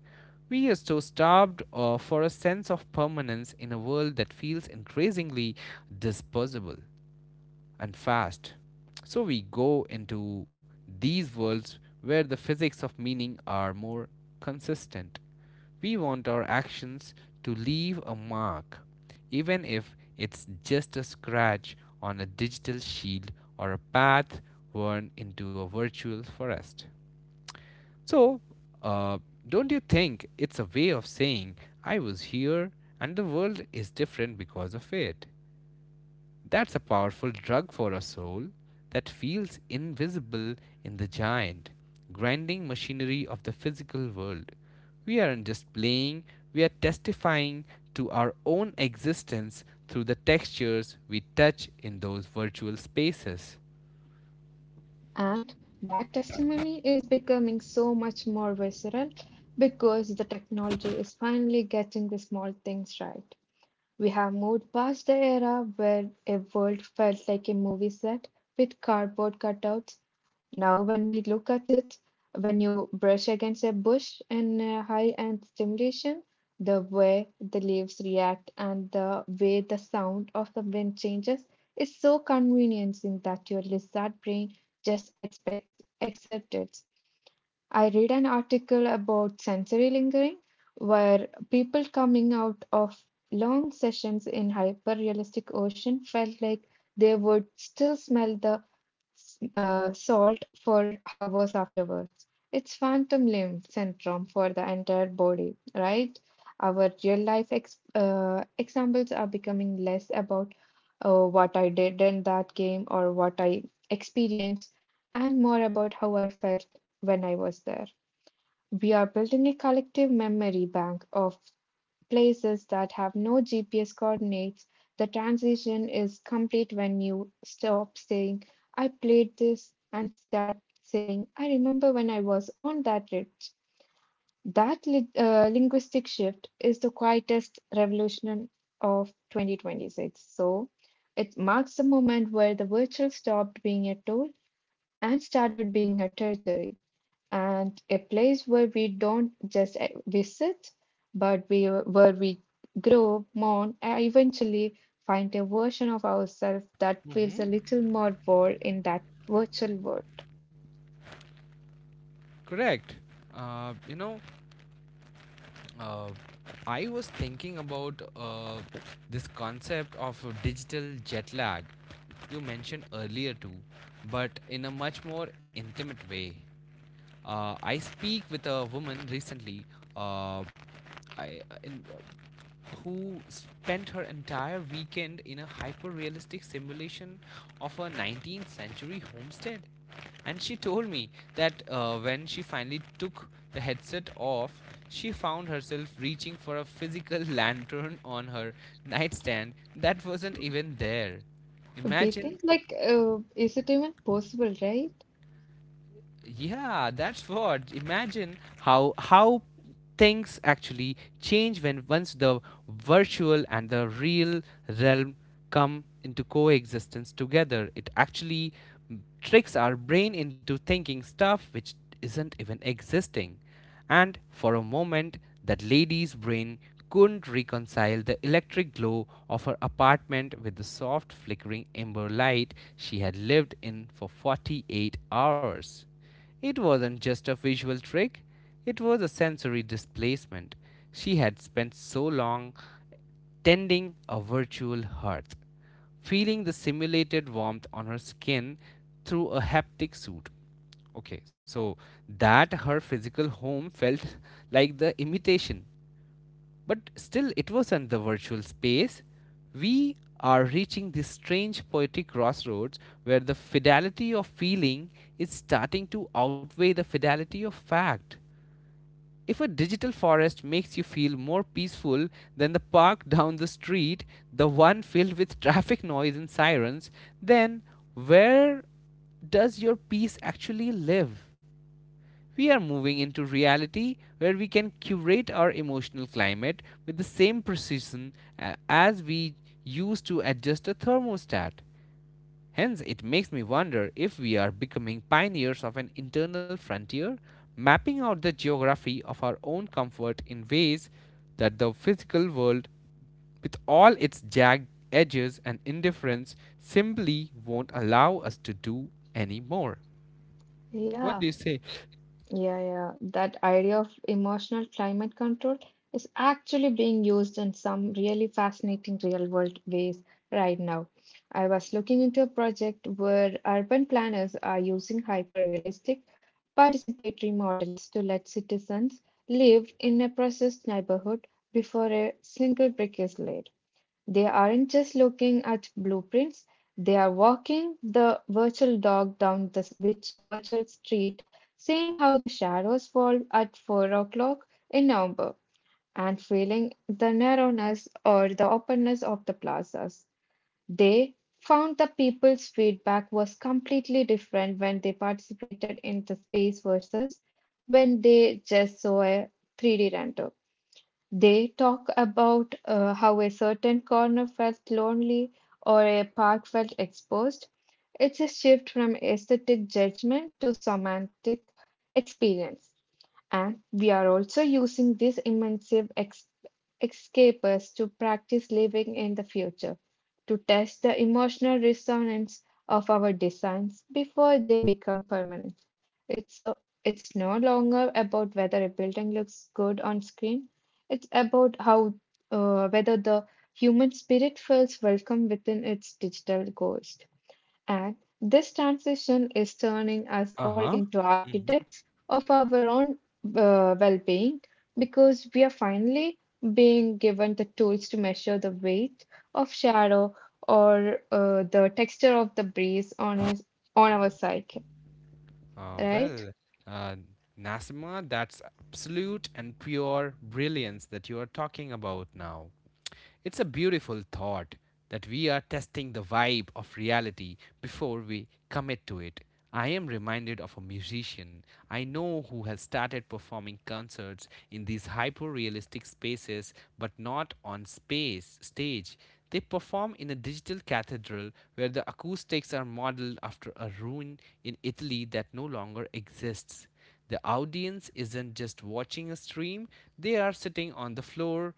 Speaker 1: We are so starved for a sense of permanence in a world that feels increasingly disposable and fast. So we go into these worlds where the physics of meaning are more consistent. We want our actions to leave a mark, even if it's just a scratch on a digital shield or a path worn into a virtual forest. So, uh, don't you think it's a way of saying I was here and the world is different because of it? That's a powerful drug for a soul that feels invisible in the giant, grinding machinery of the physical world. We aren't just playing, we are testifying to our own existence through the textures we touch in those virtual spaces.
Speaker 2: And that testimony is becoming so much more visceral because the technology is finally getting the small things right. We have moved past the era where a world felt like a movie set with cardboard cutouts. Now, when we look at it, when you brush against a bush in a high end stimulation, the way the leaves react and the way the sound of the wind changes is so convincing that your lizard brain just expect accepts it. I read an article about sensory lingering where people coming out of long sessions in hyper realistic ocean felt like they would still smell the salt for hours afterwards. It's phantom limb syndrome for the entire body, right? Our real life ex examples are becoming less about what I did in that game or what I experienced, and more about how I felt when I was there. We are building a collective memory bank of places that have no GPS coordinates. The transition is complete when you stop saying, I played this, and start saying, I remember when I was on that ridge. That linguistic shift is the quietest revolution of 2026. So it marks the moment where the virtual stopped being a tool and started being a territory, and a place where we don't just visit, but we where we grow, mourn, and eventually find a version of ourselves that feels a
Speaker 1: Mm-hmm.
Speaker 2: little more world in that virtual world.
Speaker 1: Correct. You know, uh, I was thinking about this concept of digital jet lag. You mentioned earlier too, but in a much more intimate way. I speak with a woman recently uh, I, uh, in, uh, who spent her entire weekend in a hyper realistic simulation of a 19th century homestead. And she told me that when she finally took the headset off, she found herself reaching for a physical lantern on her nightstand that wasn't even there.
Speaker 2: We think
Speaker 1: Imagine.
Speaker 2: like, is it even possible, right?
Speaker 1: Yeah, that's what. Imagine how things actually change when once the virtual and the real realm come into coexistence together. It actually tricks our brain into thinking stuff which isn't even existing. And for a moment, that lady's brain couldn't reconcile the electric glow of her apartment with the soft, flickering amber light she had lived in for 48 hours. It wasn't just a visual trick, it was a sensory displacement. She had spent so long tending a virtual hearth, feeling the simulated warmth on her skin through a haptic suit. Okay, so that her physical home felt like the imitation, but still it wasn't the virtual space. We are reaching this strange poetic crossroads where the fidelity of feeling is starting to outweigh the fidelity of fact. If a digital forest makes you feel more peaceful than the park down the street, the one filled with traffic noise and sirens, then where does your peace actually live? We are moving into reality where we can curate our emotional climate with the same precision as we use to adjust a thermostat. Hence, it makes me wonder if we are becoming pioneers of an internal frontier, mapping out the geography of our own comfort in ways that the physical world, with all its jagged edges and indifference, simply won't allow us to do anymore. What do you
Speaker 2: Yeah.
Speaker 1: say?
Speaker 2: Yeah, yeah. That idea of emotional climate control is actually being used in some really fascinating real world ways right now. I was looking into a project where urban planners are using hyper realistic participatory models to let citizens live in a processed neighborhood before a single brick is laid. They aren't just looking at blueprints, they are walking the virtual dog down which virtual street, seeing how the shadows fall at 4 o'clock in November and feeling the narrowness or the openness of the plazas. They found the people's feedback was completely different when they participated in the space versus when they just saw a 3D render. They talk about how a certain corner felt lonely or a park felt exposed. It's a shift from aesthetic judgment to somatic experience. And we are also using these escapers to practice living in the future, to test the emotional resonance of our designs before they become permanent. So it's no longer about whether a building looks good on screen, it's about how whether the human spirit feels welcome within its digital ghost. And this transition is turning us
Speaker 1: Uh
Speaker 2: all
Speaker 1: huh.
Speaker 2: into architects of our own well being, because we are finally being given the tools to measure the weight of shadow or the texture of the breeze on us, on our psyche,
Speaker 1: Uh,
Speaker 2: right?
Speaker 1: well, uh, Nasima, that's absolute and pure brilliance that you are talking about now. It's a beautiful thought that we are testing the vibe of reality before we commit to it. I am reminded of a musician I know who has started performing concerts in these hyper realistic spaces but not on space stage. They perform in a digital cathedral where the acoustics are modeled after a ruin in Italy that no longer exists. The audience isn't just watching a stream, they are sitting on the floor,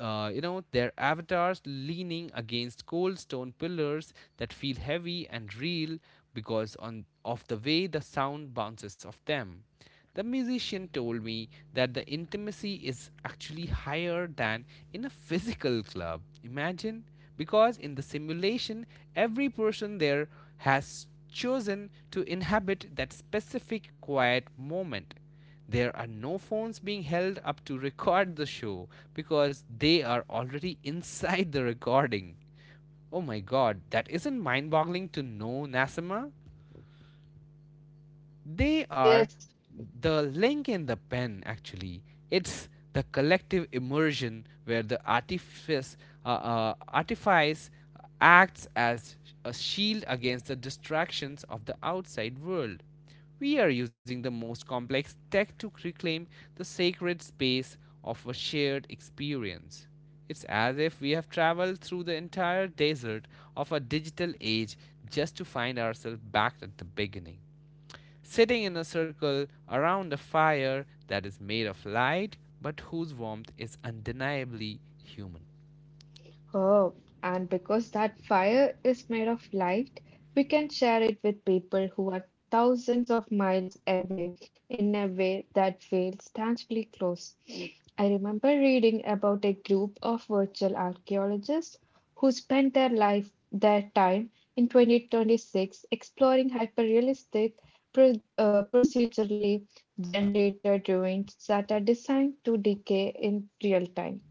Speaker 1: you know, their avatars leaning against cold stone pillars that feel heavy and real because of the way the sound bounces off them. The musician told me that the intimacy is actually higher than in a physical club. Imagine, because in the simulation, every person there has chosen to inhabit that specific quiet moment. There are no phones being held up to record the show because they are already inside the recording. Oh my god, that isn't mind boggling to know, Nassima. They
Speaker 2: Yes,
Speaker 1: are
Speaker 2: yes.
Speaker 1: the link in the pen, actually. It's the collective immersion where the artifice acts as a shield against the distractions of the outside world. We are using the most complex tech to reclaim the sacred space of a shared experience. It's as if we have traveled through the entire desert of a digital age just to find ourselves back at the beginning sitting in a circle around a fire that is made of light but whose warmth is undeniably human.
Speaker 2: Oh, and because that fire is made of light, we can share it with people who are thousands of miles away in a way that feels tangibly close. I remember reading about a group of virtual archaeologists who spent their time in 2026 exploring hyperrealistic procedurally generated ruins that are designed to decay in real time.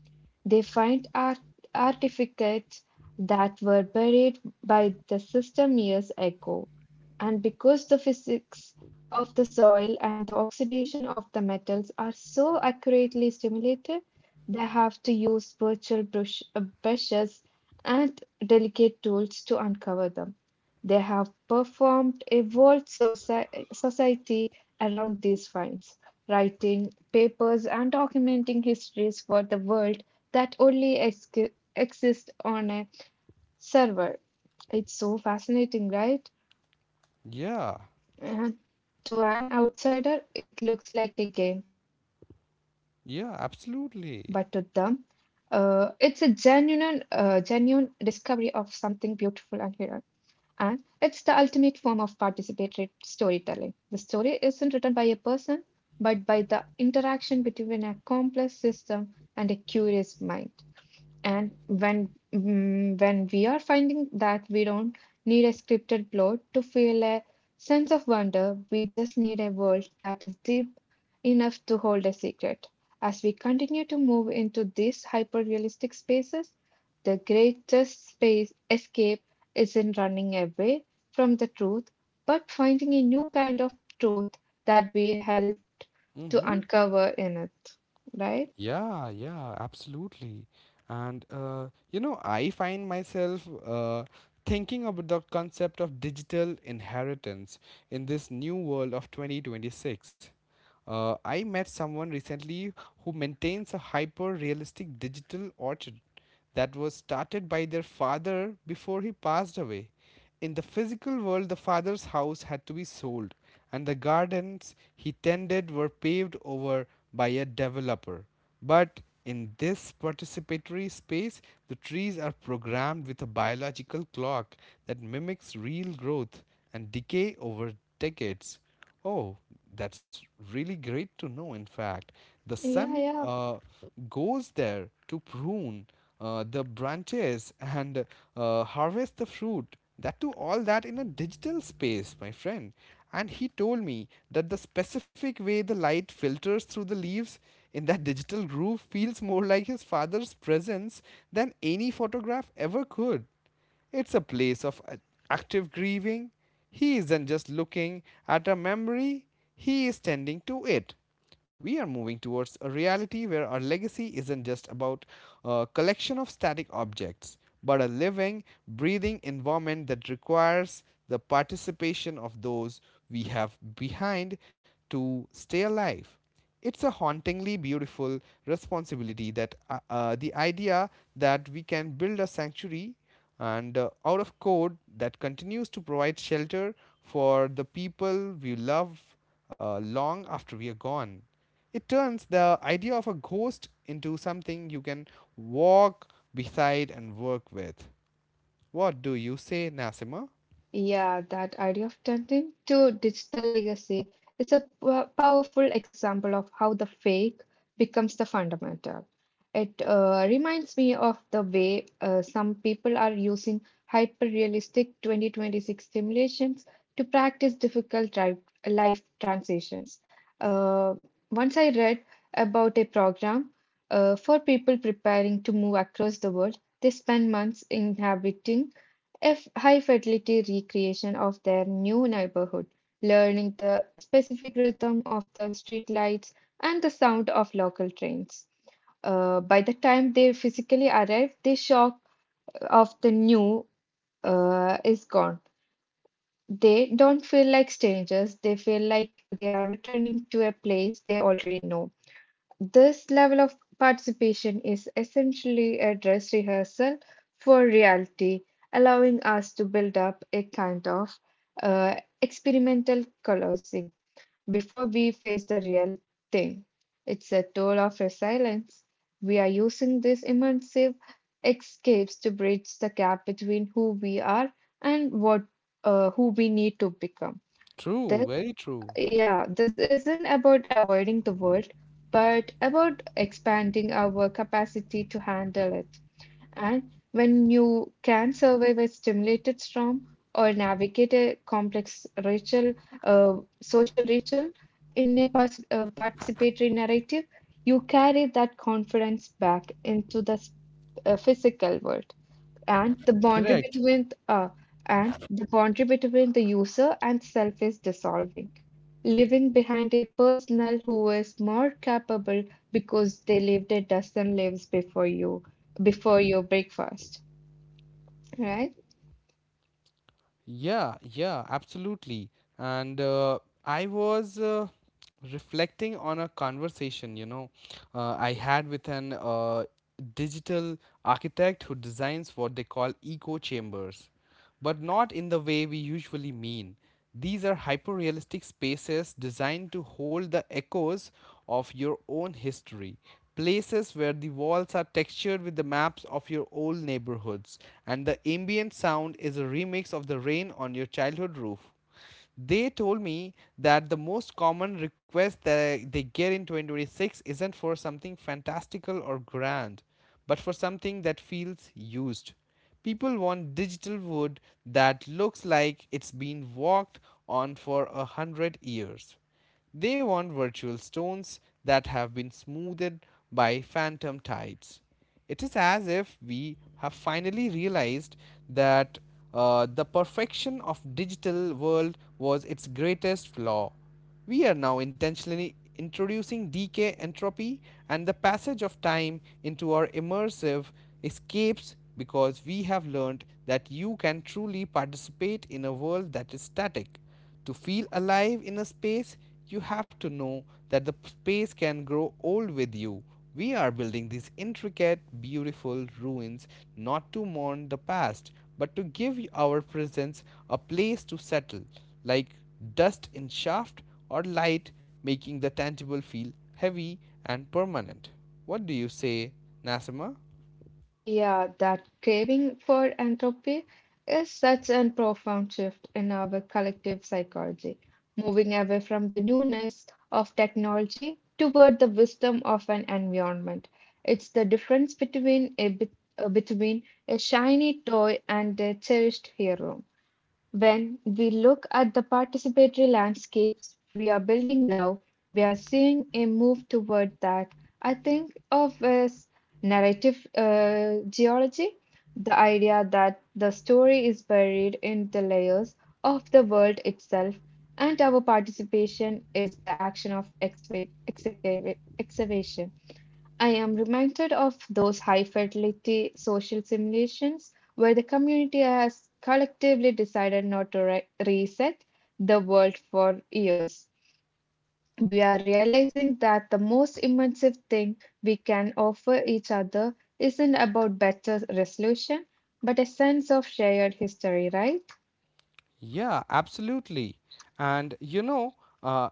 Speaker 2: They find artifacts that were buried by the system years ago. And because the physics of the soil and the oxidation of the metals are so accurately simulated, they have to use virtual brushes and delicate tools to uncover them. They have performed a world society around these finds, writing papers and documenting histories for the world that only ex exist on a server. It's so fascinating, right?
Speaker 1: Yeah,
Speaker 2: And to an outsider, it looks like a game, but to them,
Speaker 1: yeah,
Speaker 2: uh, it's a
Speaker 1: absolutely.
Speaker 2: genuine, uh, genuine discovery of something beautiful and hidden. And it's the ultimate form of participatory storytelling. The story isn't written by a person, but by the interaction between a complex system and a curious mind. And when when we are finding that we don't need a scripted plot to feel a sense of wonder, we just need a world that is deep enough to hold a secret. As we continue to move into these hyper-realistic spaces, the greatest space escape isn't running away from the truth, but finding a new kind of truth that we help
Speaker 1: Mm-hmm.
Speaker 2: to uncover in it, right?
Speaker 1: Yeah, yeah, absolutely. And you know, I find myself thinking about the concept of digital inheritance in this new world of 2026. I met someone recently who maintains a hyper realistic digital orchid that was started by their father before he passed away. In the physical world, the father's house had to be sold, and the gardens he tended were paved over by a developer. But in this participatory space, the trees are programmed with a biological clock that mimics real growth and decay over decades. Oh, that's really great to know. In fact, the
Speaker 2: Yeah,
Speaker 1: sun
Speaker 2: yeah.
Speaker 1: uh, goes there to prune the branches and harvest the fruit. That too, all that in a digital space, my friend. And he told me that the specific way the light filters through the leaves in that digital groove feels more like his father's presence than any photograph ever could. It's a place of active grieving. He isn't just looking at a memory, he is tending to it. We are moving towards a reality where our legacy isn't just about a collection of static objects, but a living, breathing environment that requires the participation of those we have behind to stay alive. It's a hauntingly beautiful responsibility that, the idea that we can build a sanctuary and out of code that continues to provide shelter for the people we love long after we are gone. It turns the idea of a ghost into something you can walk beside and work with. What do you say, Nasima?
Speaker 2: Yeah, that idea of turning to digital legacy is a powerful example of how the fake becomes the fundamental. It reminds me of the way some people are using hyper-realistic 2026 simulations to practice difficult life transitions. Uh, Once I read about a program for people preparing to move across the world, they spend months inhabiting if high fidelity recreation of their new neighborhood, learning the specific rhythm of the street lights and the sound of local trains. By the time they physically arrive, the shock of the new is gone. They don't feel like strangers, they feel like they are returning to a place they already know. This level of participation is essentially a dress rehearsal for reality, allowing us to build up a kind of uh, experimental closing before we face the real thing. It's a tool of resilience. We are using these immersive escapes to bridge the gap between who we are and what who we need to become.
Speaker 1: True, very true.
Speaker 2: Yeah, this isn't about avoiding the world, but about expanding our capacity to handle it. And when you can survive a stimulated storm or navigate a complex ritual, uh, social ritual in a pas participatory narrative, you carry that confidence back into the physical world, and the boundary
Speaker 1: Correct.
Speaker 2: between the user and self is dissolving, leaving behind a personal who is more capable because they lived a dozen lives before you before your breakfast, right?
Speaker 1: Yeah, yeah, absolutely. And I was reflecting on a conversation, you know, I had with an digital architect who designs what they call echo chambers, but not in the way we usually mean. These are hyperrealistic spaces designed to hold the echoes of your own history. Places where the walls are textured with the maps of your old neighborhoods, and the ambient sound is a remix of the rain on your childhood roof. They told me that the most common request that they get in 2026 isn't for something fantastical or grand, but for something that feels used. People want digital wood that looks like it's been walked on for 100 years. They want virtual stones that have been smoothed by phantom tides. It is as if we have finally realized that the perfection of digital world was its greatest flaw. We are now intentionally introducing decay, entropy, and the passage of time into our immersive escapes because we have learned that you can truly participate in a world that is static. To feel alive in a space, you have to know that the space can grow old with you. We are building these intricate, beautiful ruins not to mourn the past, but to give our presence a place to settle, like dust in shaft or light, making the tangible feel heavy and permanent. What do you say, Nasima?
Speaker 2: Yeah, that craving for entropy is such a profound shift in our collective psychology, moving away from the newness of technology toward the wisdom of an environment. It's the difference between between a shiny toy and a cherished hero. When we look at the participatory landscapes we are building now, we are seeing a move toward that I think of as narrative geology, the idea that the story is buried in the layers of the world itself, and our participation is the action of excavation. I am reminded of those high fidelity social simulations where the community has collectively decided not to reset the world for years. We are realizing that the most immersive thing we can offer each other isn't about better resolution, but a sense of shared history, right?
Speaker 1: Yeah, absolutely. And you know, uh,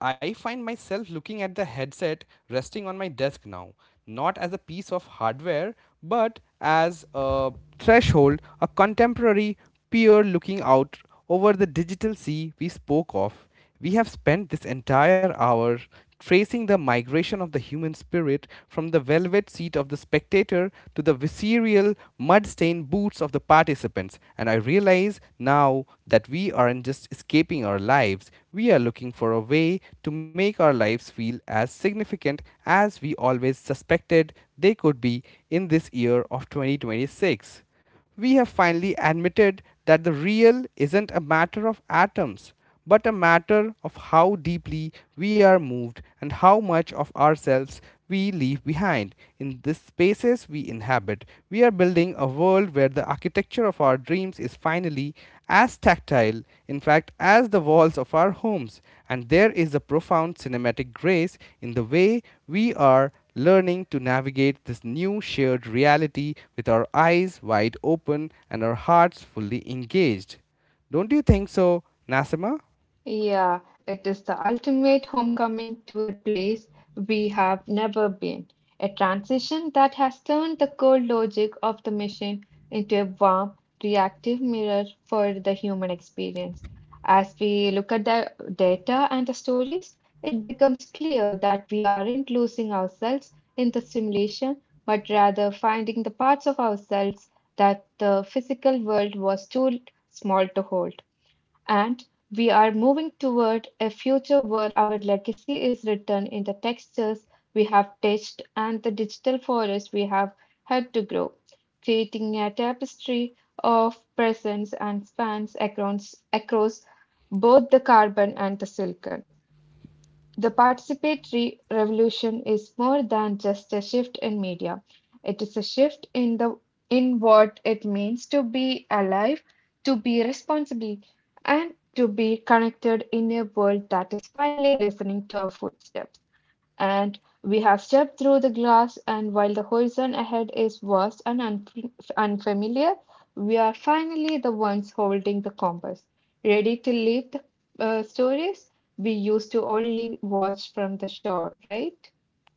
Speaker 1: I find myself looking at the headset resting on my desk now, not as a piece of hardware, but as a threshold, a contemporary peer looking out over the digital sea we spoke of. We have spent this entire hour tracing the migration of the human spirit from the velvet seat of the spectator to the visceral, mud stained boots of the participants, and I realize now that we aren't just escaping our lives, we are looking for a way to make our lives feel as significant as we always suspected they could be in this year of 2026. We have finally admitted that the real isn't a matter of atoms, but a matter of how deeply we are moved and how much of ourselves we leave behind. In the spaces we inhabit, we are building a world where the architecture of our dreams is finally as tactile, in fact, as the walls of our homes. And there is a profound cinematic grace in the way we are learning to navigate this new shared reality with our eyes wide open and our hearts fully engaged. Don't you think so, Nasima?
Speaker 2: Yeah, it is the ultimate homecoming to a place we have never been. A transition that has turned the cold logic of the machine into a warm, reactive mirror for the human experience. As we look at the data and the stories, it becomes clear that we aren't losing ourselves in the simulation, but rather finding the parts of ourselves that the physical world was too small to hold. And we are moving toward a future where our legacy is written in the textures we have touched and the digital forests we have had to grow, creating a tapestry of presence and spans across both the carbon and the silicon. The participatory revolution is more than just a shift in media. It is a shift in the in what it means to be alive, to be responsible, and to be connected in a world that is finally listening to our footsteps, and we have stepped through the glass, and while the horizon ahead is vast and unfamiliar, we are finally the ones holding the compass, ready to lead the stories we used to only watch from the shore, right?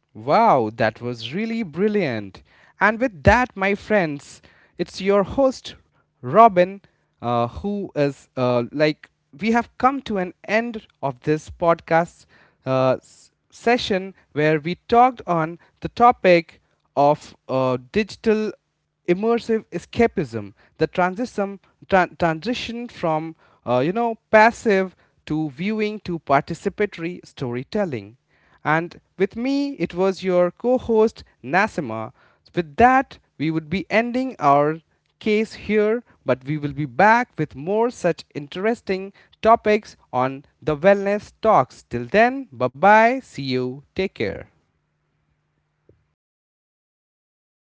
Speaker 1: Wow, that was really brilliant. And with that, my friends, it's your host, Robin, who is like, we have come to an end of this podcast session where we talked on the topic of digital immersive escapism, the transition from you know, passive to viewing to participatory storytelling, and with me it was your co-host Nasima. With that we would be ending our case here, but we will be back with more such interesting topics on the Wellness Talks. Till then, bye bye, see you, take care.